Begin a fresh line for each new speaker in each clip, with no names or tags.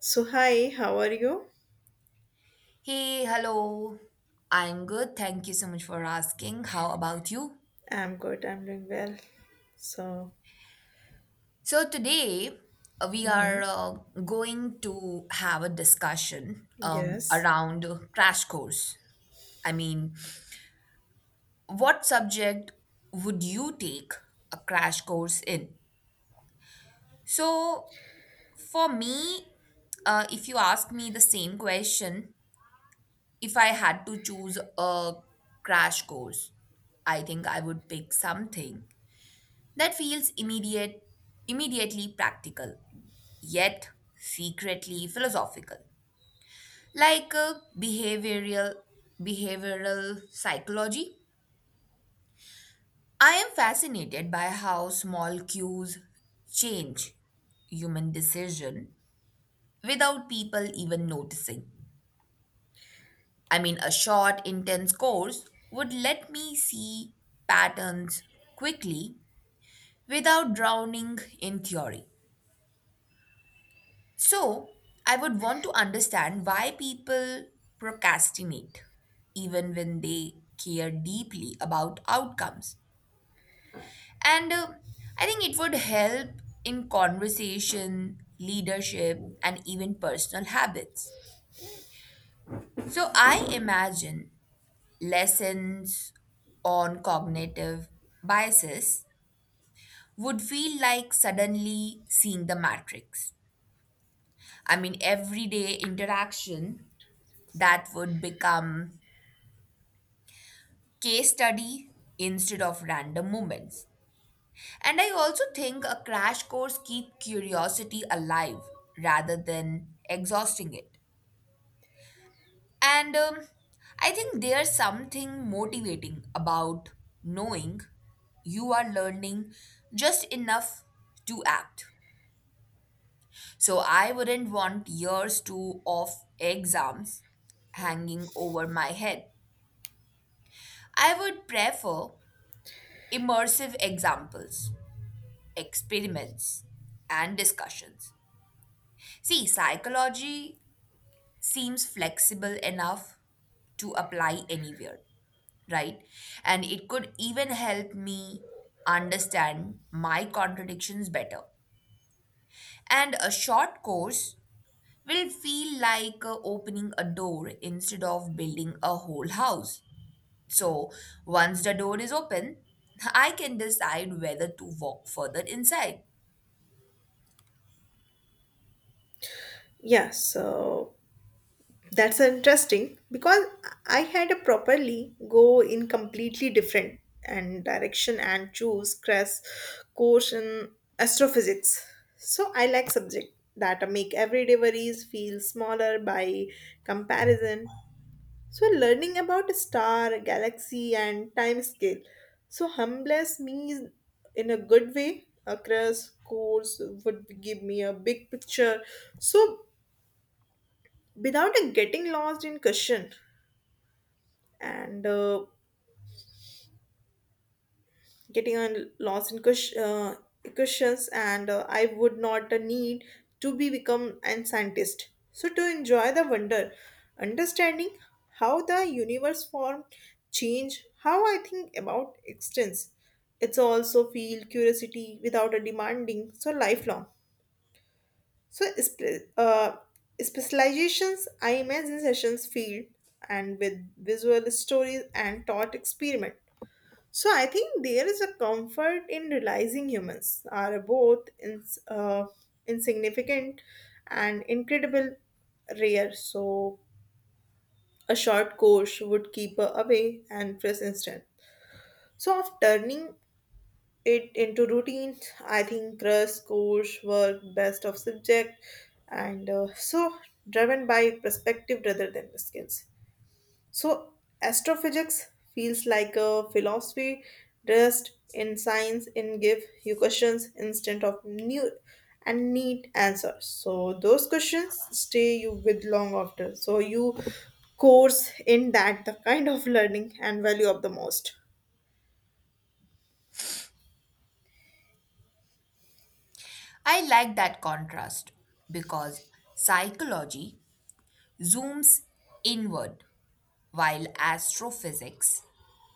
So hi, how are you?
Hey, hello. I'm good. Thank you so much for asking. How about you?
I'm good. I'm doing well. So,
So, today we are
mhm,
going to have a discussion
yes.
around crash course. I mean, what subject would you take a crash course in? So, for me, if you ask me the same question, if I had to choose a crash course, I think I would pick something that feels immediately practical yet secretly philosophical, like a behavioral psychology. I am fascinated by how small cues change human decision without people even noticing. I mean, a short intense course would let me see patterns quickly without drowning in theory. So, I would want to understand why people procrastinate even when they care deeply about outcomes. And I think it would help in conversation, leadership, and even personal habits. So, I imagine lessons on cognitive biases would feel like suddenly seeing the matrix. I mean, everyday interaction that would become case study instead of random moments. And I also think a crash course keep curiosity alive rather than exhausting it. And I think there's something motivating about knowing you are learning just enough to act. So I wouldn't want years to of exams hanging over my head. I would prefer immersive examples, experiments, and discussions. See, psychology seems flexible enough to apply anywhere, right? And it could even help me understand my contradictions better. And a short course will feel like opening a door instead of building a whole house. So, once the door is open, I can decide whether to walk further inside.
Yeah, so that's interesting because I had a properly go in completely different and direction and choose crash, course in astrophysics. So I like subject that make everyday worries feel smaller by comparison. So learning about a star, galaxy, and time scale so humbles me in a good way. A crash course would give me a big picture. So without getting lost in question and getting lost in cushions and I would not need to be become a scientist so to enjoy the wonder understanding how the universe formed change how I think about existence it's also feel curiosity without a demanding so lifelong so specializations I imagine sessions field and with visual stories and thought experiment. So I think there is a comfort in realizing humans are both insignificant and incredible rare. So a short course would keep her away and press instant. So of turning it into routine, I think crust, course, work, best of subject, and so driven by perspective rather than skills. So, astrophysics feels like a philosophy dressed in science and give you questions instead of new and neat answers. So, those questions stay you with long after. So, you course in that the kind of learning and value of the most.
I like that contrast because psychology zooms inward while astrophysics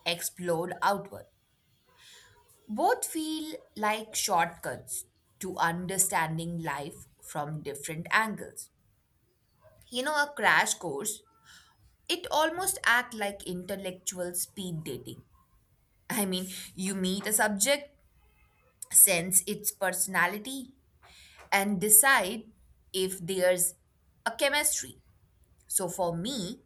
explode outward. Both feel like shortcuts to understanding life from different angles. You know, a crash course, it almost act like intellectual speed dating. I mean, you meet a subject, sense its personality, and decide if there's a chemistry. So for me,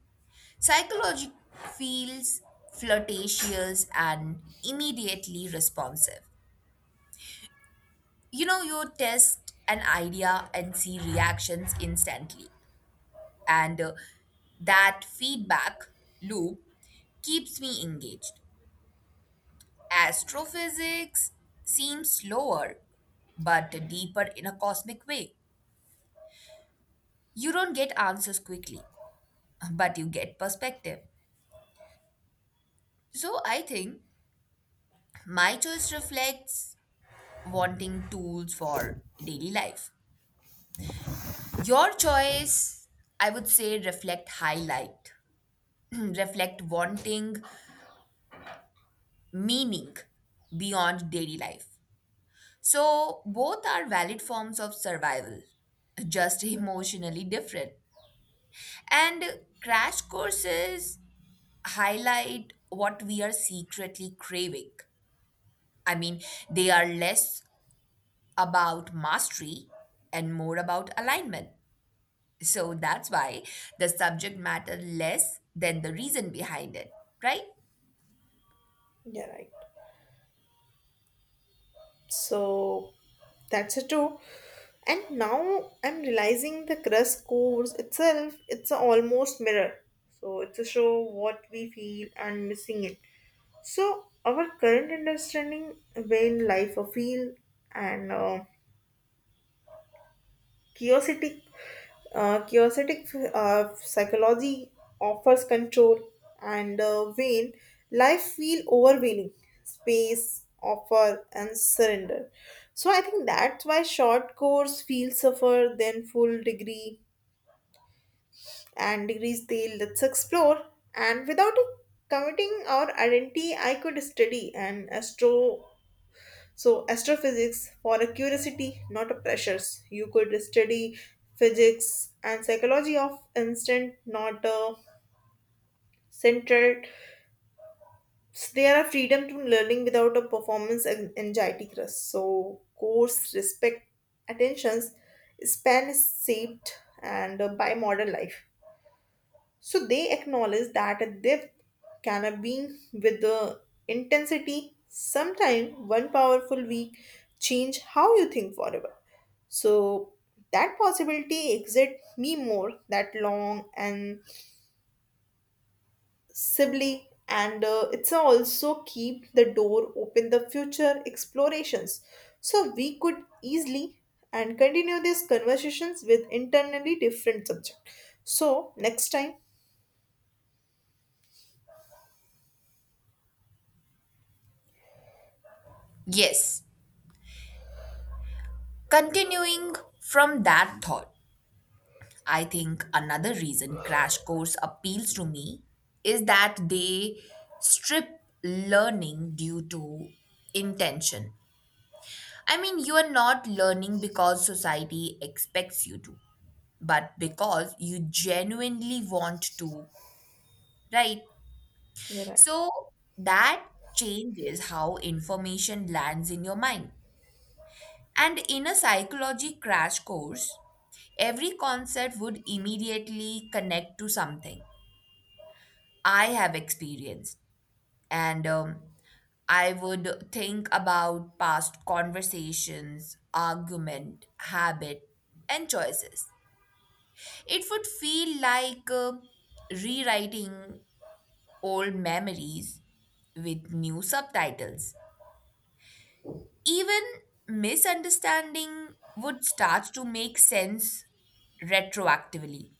psychology feels flirtatious and immediately responsive. You know, you test an idea and see reactions instantly. And that feedback loop keeps me engaged. Astrophysics seems slower but deeper in a cosmic way. You don't get answers quickly, but you get perspective. So I think my choice reflects wanting tools for daily life. Your choice, I would say, reflect wanting meaning beyond daily life. So both are valid forms of survival, just emotionally different. And crash courses highlight what we are secretly craving. I mean, they are less about mastery and more about alignment. So that's why the subject matter less than the reason behind it, right?
Yeah, right. So, that's it too. And now I'm realizing the crust course itself, it's a almost mirror. So it's a show what we feel and missing it. So, our current understanding when life a feel and chaotic, chaotic, psychology offers control, and when life feel overwhelming, space offer and surrender. So I think that's why short course feel suffer than full degree and degrees they let's explore and without committing our identity. I could study and astro. So, astrophysics for a curiosity, not a pressures. You could study physics and psychology of instant, not a centered. So, there are freedom to learning without a performance and anxiety stress. So, course respect attentions span is shaped and by modern life. So they acknowledge that a depth can have with the intensity. Sometimes one powerful week change how you think forever. So that possibility exit me more that long and sibly and it's also keep the door open the future explorations, so we could easily and continue these conversations with internally different subject so next time.
Yes. Continuing from that thought, I think another reason Crash Course appeals to me is that they strip learning due to intention. I mean, you are not learning because society expects you to, but because you genuinely want to, right?
You're right.
So that changes how information lands in your mind. And in a psychology crash course, every concept would immediately connect to something I have experienced. And I would think about past conversations, argument, habit, and choices. It would feel like rewriting old memories with new subtitles. Even misunderstanding would start to make sense retroactively.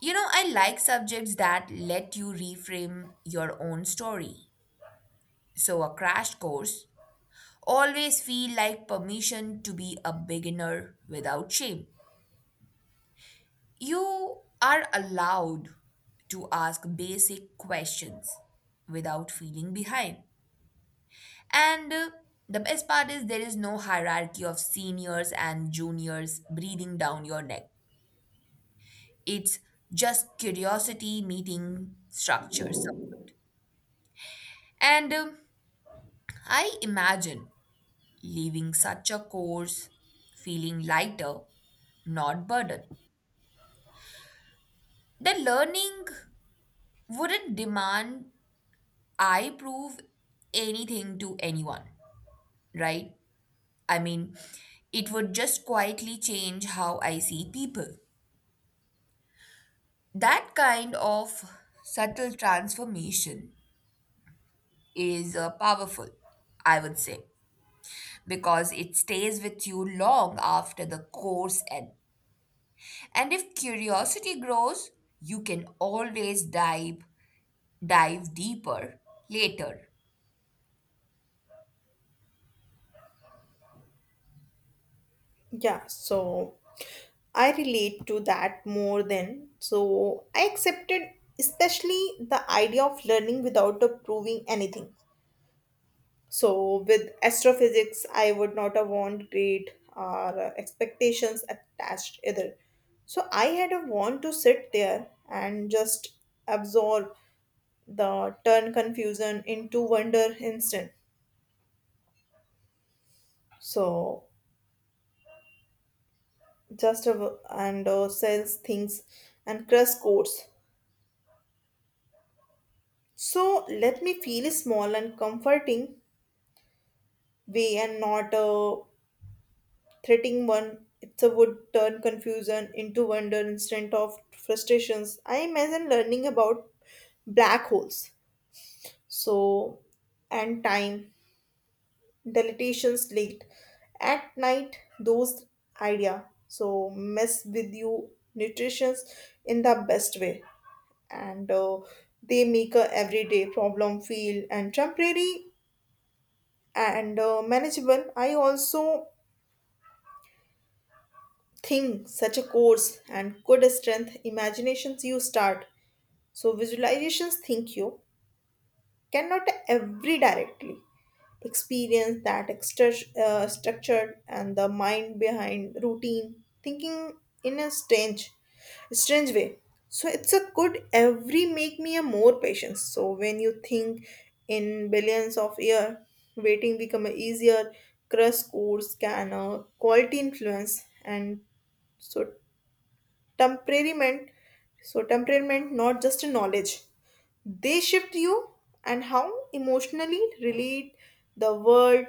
You know, I like subjects that let you reframe your own story. So, a crash course always feel like permission to be a beginner without shame. You are allowed to ask basic questions without feeling behind. And the best part is there is no hierarchy of seniors and juniors breathing down your neck. It's just curiosity meeting structures. And I imagine leaving such a course feeling lighter, not burdened. The learning wouldn't demand I prove anything to anyone, right? I mean, it would just quietly change how I see people. That kind of subtle transformation is powerful, I would say, because it stays with you long after the course end. And if curiosity grows, you can always dive deeper later.
Yeah, so I relate to that more than so I accepted, especially the idea of learning without the proving anything. So with astrophysics, I would not have want great or expectations attached either. So I had a want to sit there and just absorb the turn confusion into wonder instant. So just a, and sells things and crush codes. So let me feel small and comforting way and not a threatening one. It's a would turn confusion into wonder instead of frustrations. I imagine learning about black holes. So and time, dilatations late. At night, those idea. So mess with you nutritions in the best way. And they make a everyday problem feel and temporary and manageable. I also think such a course and could strength imaginations you start so visualizations think you cannot every directly experience that extra, structured and the mind behind routine thinking in a strange way so it's a good every make me a more patience so when you think in billions of year waiting become a easier. Crush course can quality influence and so temperament temperament not just a knowledge they shift you and how emotionally relate the world.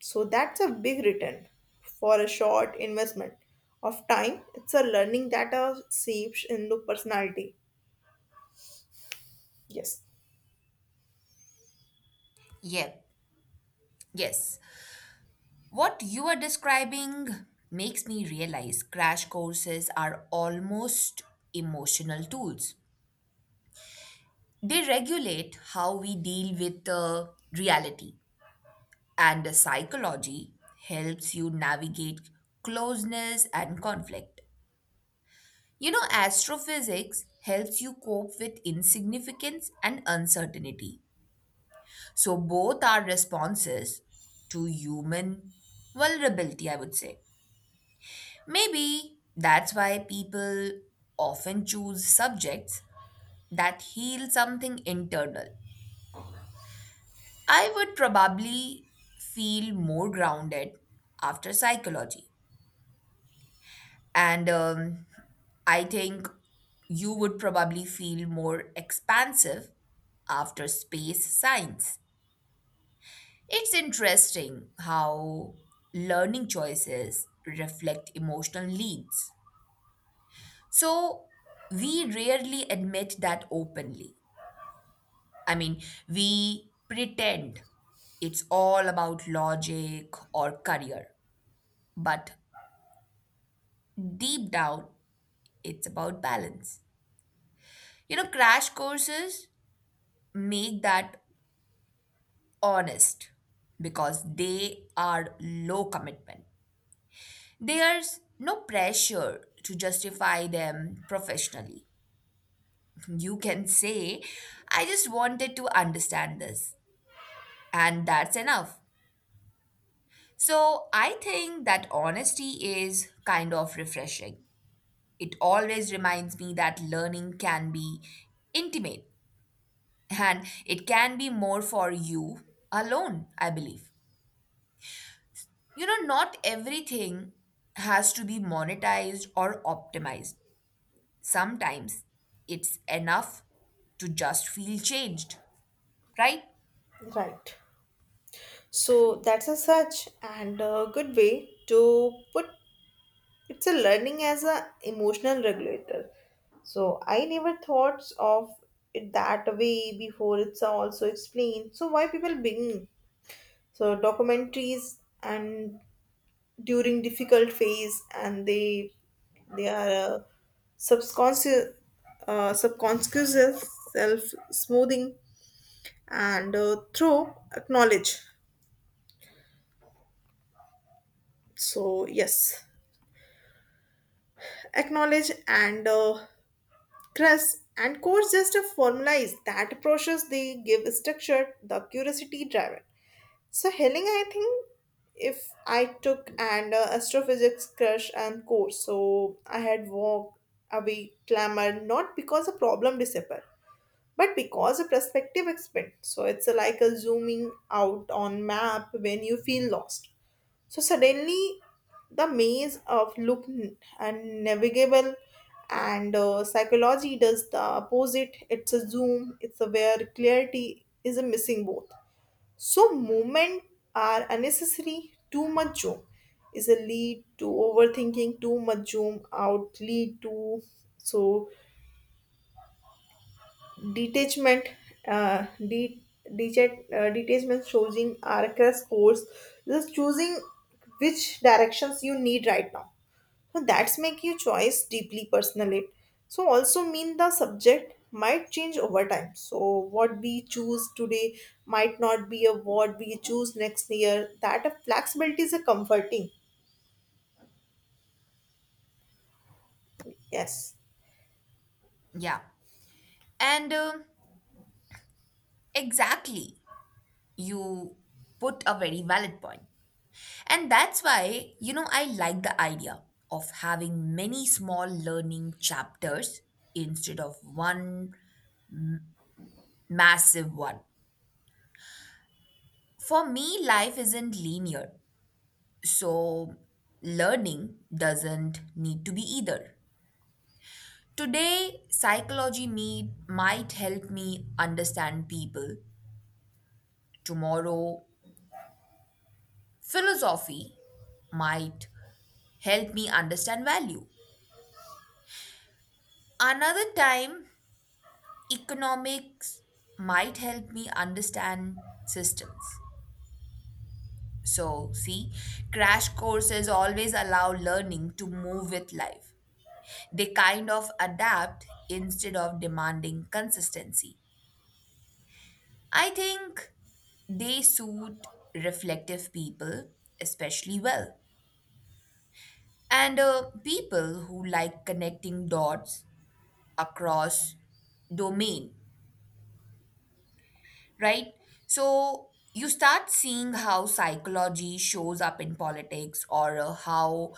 So that's a big return for a short investment of time. It's a learning that shapes into personality. Yes,
Yeah, yes. What you are describing makes me realize crash courses are almost emotional tools. They regulate how we deal with reality. And the psychology helps you navigate closeness and conflict. You know, astrophysics helps you cope with insignificance and uncertainty. So, both are responses to human vulnerability, I would say. Maybe that's why people often choose subjects that heal something internal. I would probably feel more grounded after psychology. And I think you would probably feel more expansive after space science. It's interesting how learning choices reflect emotional needs. So, we rarely admit that openly. I mean, we pretend it's all about logic or career, but deep down, it's about balance. You know, crash courses make that honest because they are low commitment. There's no pressure to justify them professionally. You can say, I just wanted to understand this, and that's enough. So I think that honesty is kind of refreshing. It always reminds me that learning can be intimate and it can be more for you alone, I believe. You know, not everything has to be monetized or optimized. Sometimes it's enough to just feel changed, right?
right. So that's a such and a good way to put it's a learning as a emotional regulator. So I never thought of it that way before. It's also explained. So why people begin so documentaries and during difficult phase and they are subconscious subconscious self smoothing and through acknowledge. So yes, acknowledge and crust and core just a formula is that process they give structure the curiosity driver. So, Helena, I think if I took an astrophysics crush and course, so I had walked away clamored not because the problem disappeared, but because the perspective expanded. So it's like a zooming out on map when you feel lost. So suddenly, the maze of look unnavigable and psychology does the opposite. It's a zoom. It's a where clarity is a missing both. So movement are unnecessary. Too much zoom is a lead to overthinking. Too much zoom out lead to so detachment. Uh, de- Detachment choosing are a course. Just choosing which directions you need right now. So that's make your choice deeply personal it. So also mean the subject might change over time. So what we choose today might not be a what we choose next year. That a flexibility is a comforting. Yes.
Yeah. And exactly, you put a very valid point. And that's why, you know, I like the idea of having many small learning chapters instead of one massive one. For me, life isn't linear. So, learning doesn't need to be either. Today, psychology meet might help me understand people. Tomorrow, philosophy might help me understand value. Another time, economics might help me understand systems. So, see, crash courses always allow learning to move with life. They kind of adapt instead of demanding consistency. I think they suit reflective people especially well. And people who like connecting dots across domain, right? So you start seeing how psychology shows up in politics, or how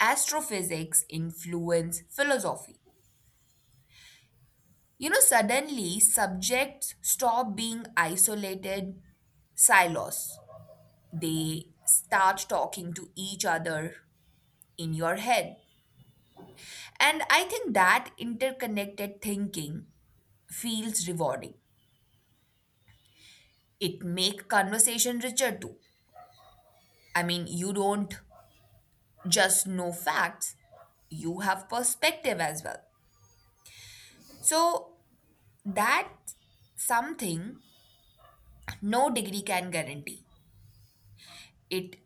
astrophysics influence philosophy. You know, suddenly subjects stop being isolated silos. They start talking to each other in your head. And I think that interconnected thinking feels rewarding. It make conversation richer too. I mean, you don't just know facts, you have perspective as well. So that something no degree can guarantee. It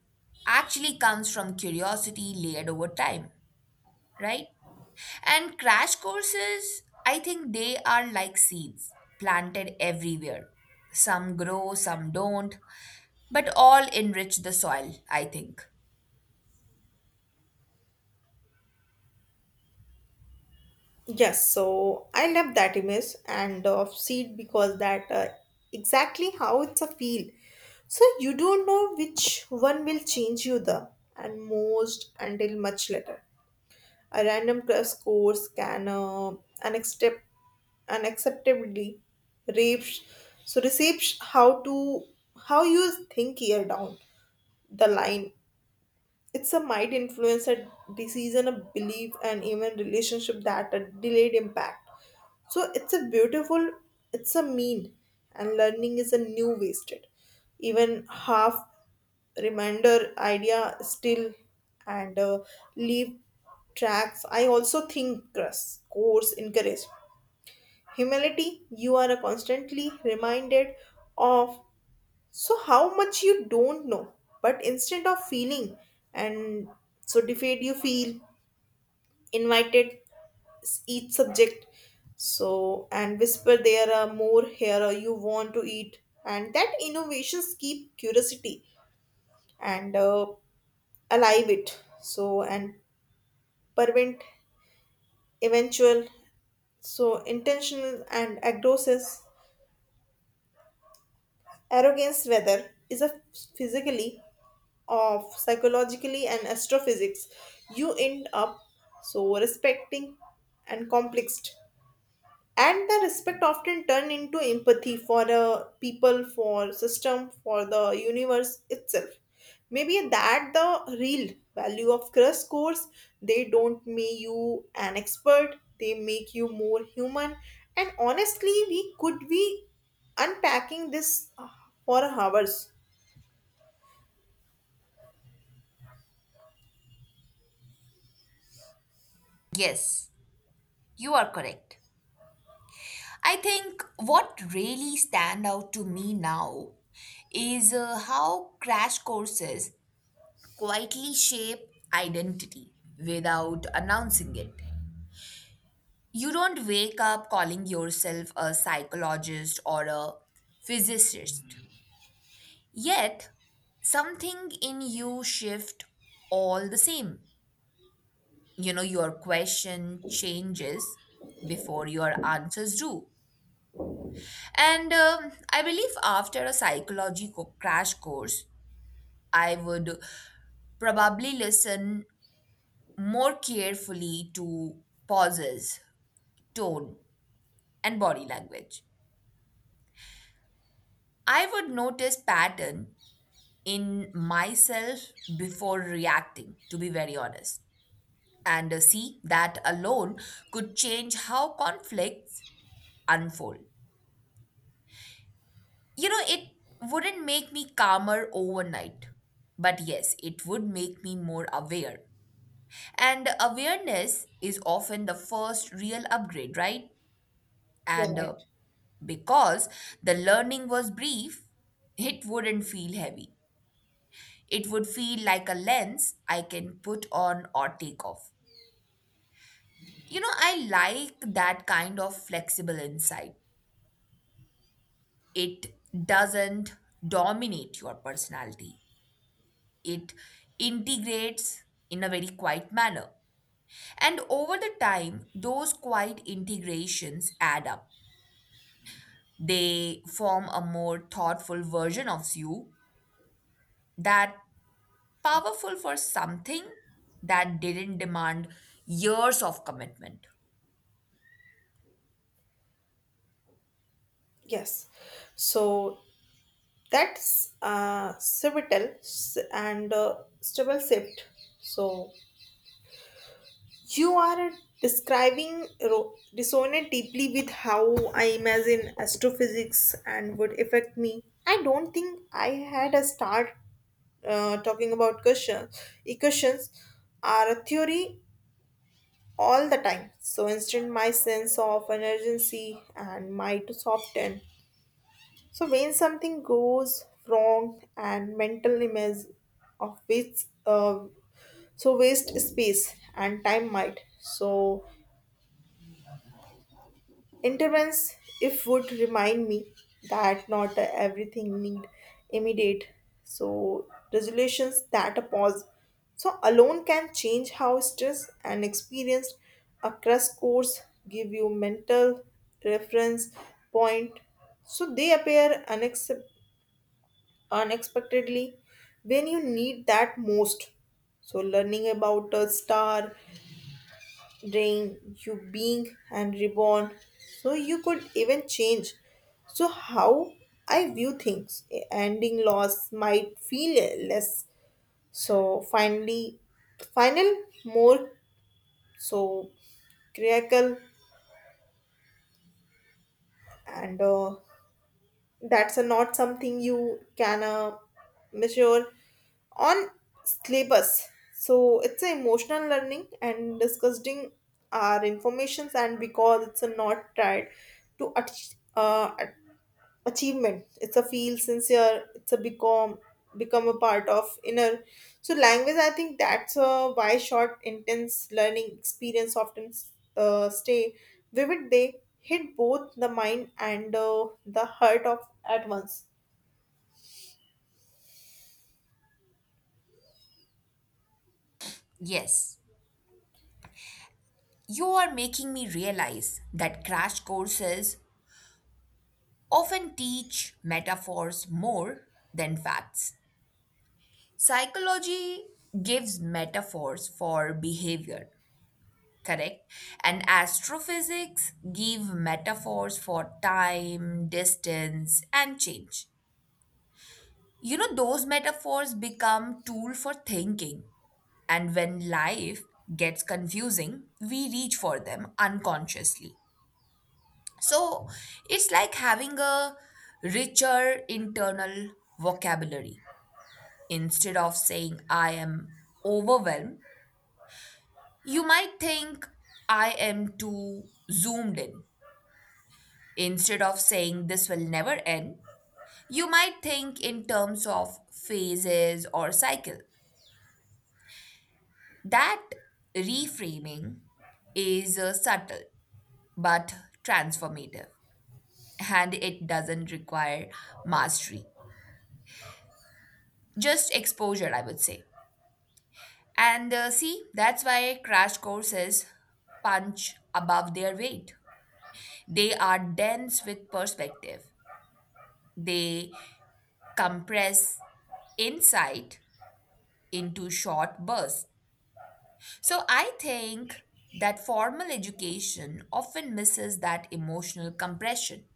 actually comes from curiosity layered over time, right? And crash courses, I think they are like seeds planted everywhere. Some grow, some don't, but all enrich the soil, I think.
Yes, so I love that image and of seed because that exactly how it's a feel. So you don't know which one will change you the and most until much later. A random crash course can unaccept- unacceptably rapes. So, receives how to how you think here down the line it's a might influence a decision a belief and even relationship that a delayed impact so it's a beautiful it's a mean and learning is a new wasted even half reminder idea still and leave tracks. I also think crust course encourage humility you are constantly reminded of so how much you don't know, but instead of feeling and so defeat you feel invited each subject. So and whisper there are more here or you want to eat and that innovations keep curiosity and alive it. So and prevent eventual so intentional and aggressive arrogance whether is a physically of psychologically and astrophysics, you end up so respecting and complexed. And the respect often turn into empathy for the people, for system, for the universe itself. Maybe that the real value of crush scores. They don't make you an expert. They make you more human. And honestly, we could be unpacking this for hours.
Yes, you are correct. I think what really stand out to me now is how crash courses quietly shape identity without announcing it. You don't wake up calling yourself a psychologist or a physicist. Yet, something in you shift all the same. You know, your question changes before your answers do. And I believe after a psychology crash course, I would probably listen more carefully to pauses, tone, and body language. I would notice pattern in myself before reacting, to be very honest. And see, that alone could change how conflicts unfold. You know, it wouldn't make me calmer overnight, but yes, it would make me more aware. And awareness is often the first real upgrade, right?
You're
And
right.
because the learning was brief, it wouldn't feel heavy. It would feel like a lens I can put on or take off. You know, I like that kind of flexible insight. It doesn't dominate your personality, it integrates in a very quiet manner. And over the time, those quiet integrations add up. They form a more thoughtful version of you that powerful for something that didn't demand years of commitment.
Yes. So that's pivotal s- and stable shift. So you are describing resonate deeply with how I imagine astrophysics and would affect me. I don't think I had a start talking about questions. Equations are a theory all the time. So instead, my sense of urgency and my to soften. So when something goes wrong and mental image of which so waste space and time might so intervenes if would remind me that not everything need immediate so resolutions that a pause so alone can change how stress and experience across course give you mental reference point so they appear unexpectedly when you need that most. So, learning about a star, ring, you being, and reborn. So, you could even change. So, how I view things, ending loss might feel less. So, finally, final, more so critical and that's a not something you can measure on syllabus so it's a emotional learning and discussing our informations and because it's a not tried to achievement it's a feel sincere it's a become a part of inner so language. I think that's why short intense learning experience often stay vivid they hit both the mind and the heart of at once.
Yes, you are making me realize that crash courses often teach metaphors more than facts. Psychology gives metaphors for behavior, correct? And astrophysics give metaphors for time, distance, and change. You know, those metaphors become tool for thinking. And when life gets confusing, we reach for them unconsciously. So it's like having a richer internal vocabulary. Instead of saying I am overwhelmed, you might think I am too zoomed in. Instead of saying this will never end, you might think in terms of phases or cycle. That reframing is subtle but transformative, and it doesn't require mastery, just exposure, I would say. And see, that's why crash courses punch above their weight. They are dense with perspective. They compress insight into short bursts. So I think that formal education often misses that emotional compression.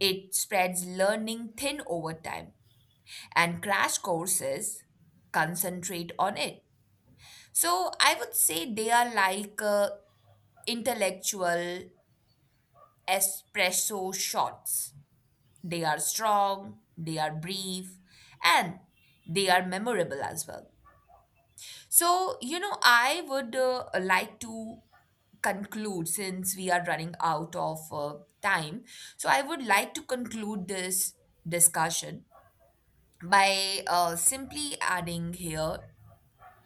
It spreads learning thin over time, and crash courses concentrate on it. So I would say they are like intellectual espresso shots. They are strong, they are brief, and they are memorable as well. So, you know, I would like to conclude since we are running out of time. So, I would like to conclude this discussion by simply adding here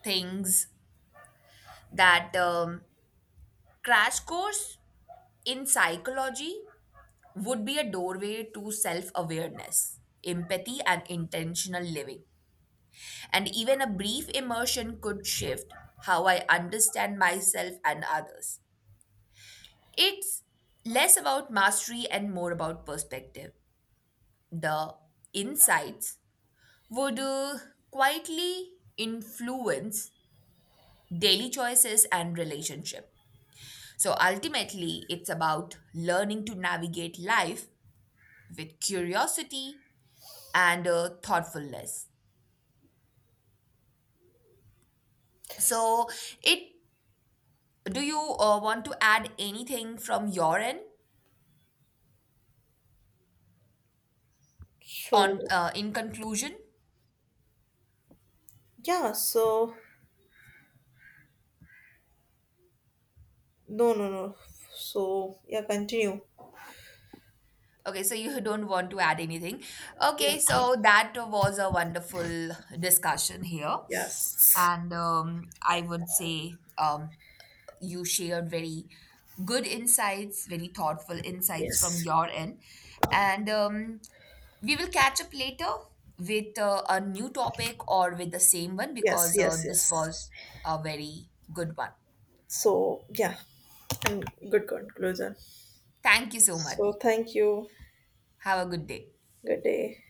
things that crash course in psychology would be a doorway to self awareness, empathy, and intentional living. And even a brief immersion could shift how I understand myself and others. It's less about mastery and more about perspective. The insights would quietly influence daily choices and relationship. So ultimately, it's about learning to navigate life with curiosity and thoughtfulness. So, it do you want to add anything from your end on
So
in conclusion?
yeah. So no no no so yeah, continue.
Okay, so you don't want to add anything.
Yeah.
Okay, so that was a wonderful discussion here.
Yes,
And I would say you shared very good insights, very thoughtful insights from
yes,
your end. And we will catch up later with a new topic or with the same one
yes.
because
Yes.
this
Yes.
was a very good one.
So yeah. And good conclusion.
Thank you so much.
So thank you.
Have a good day.
Good day.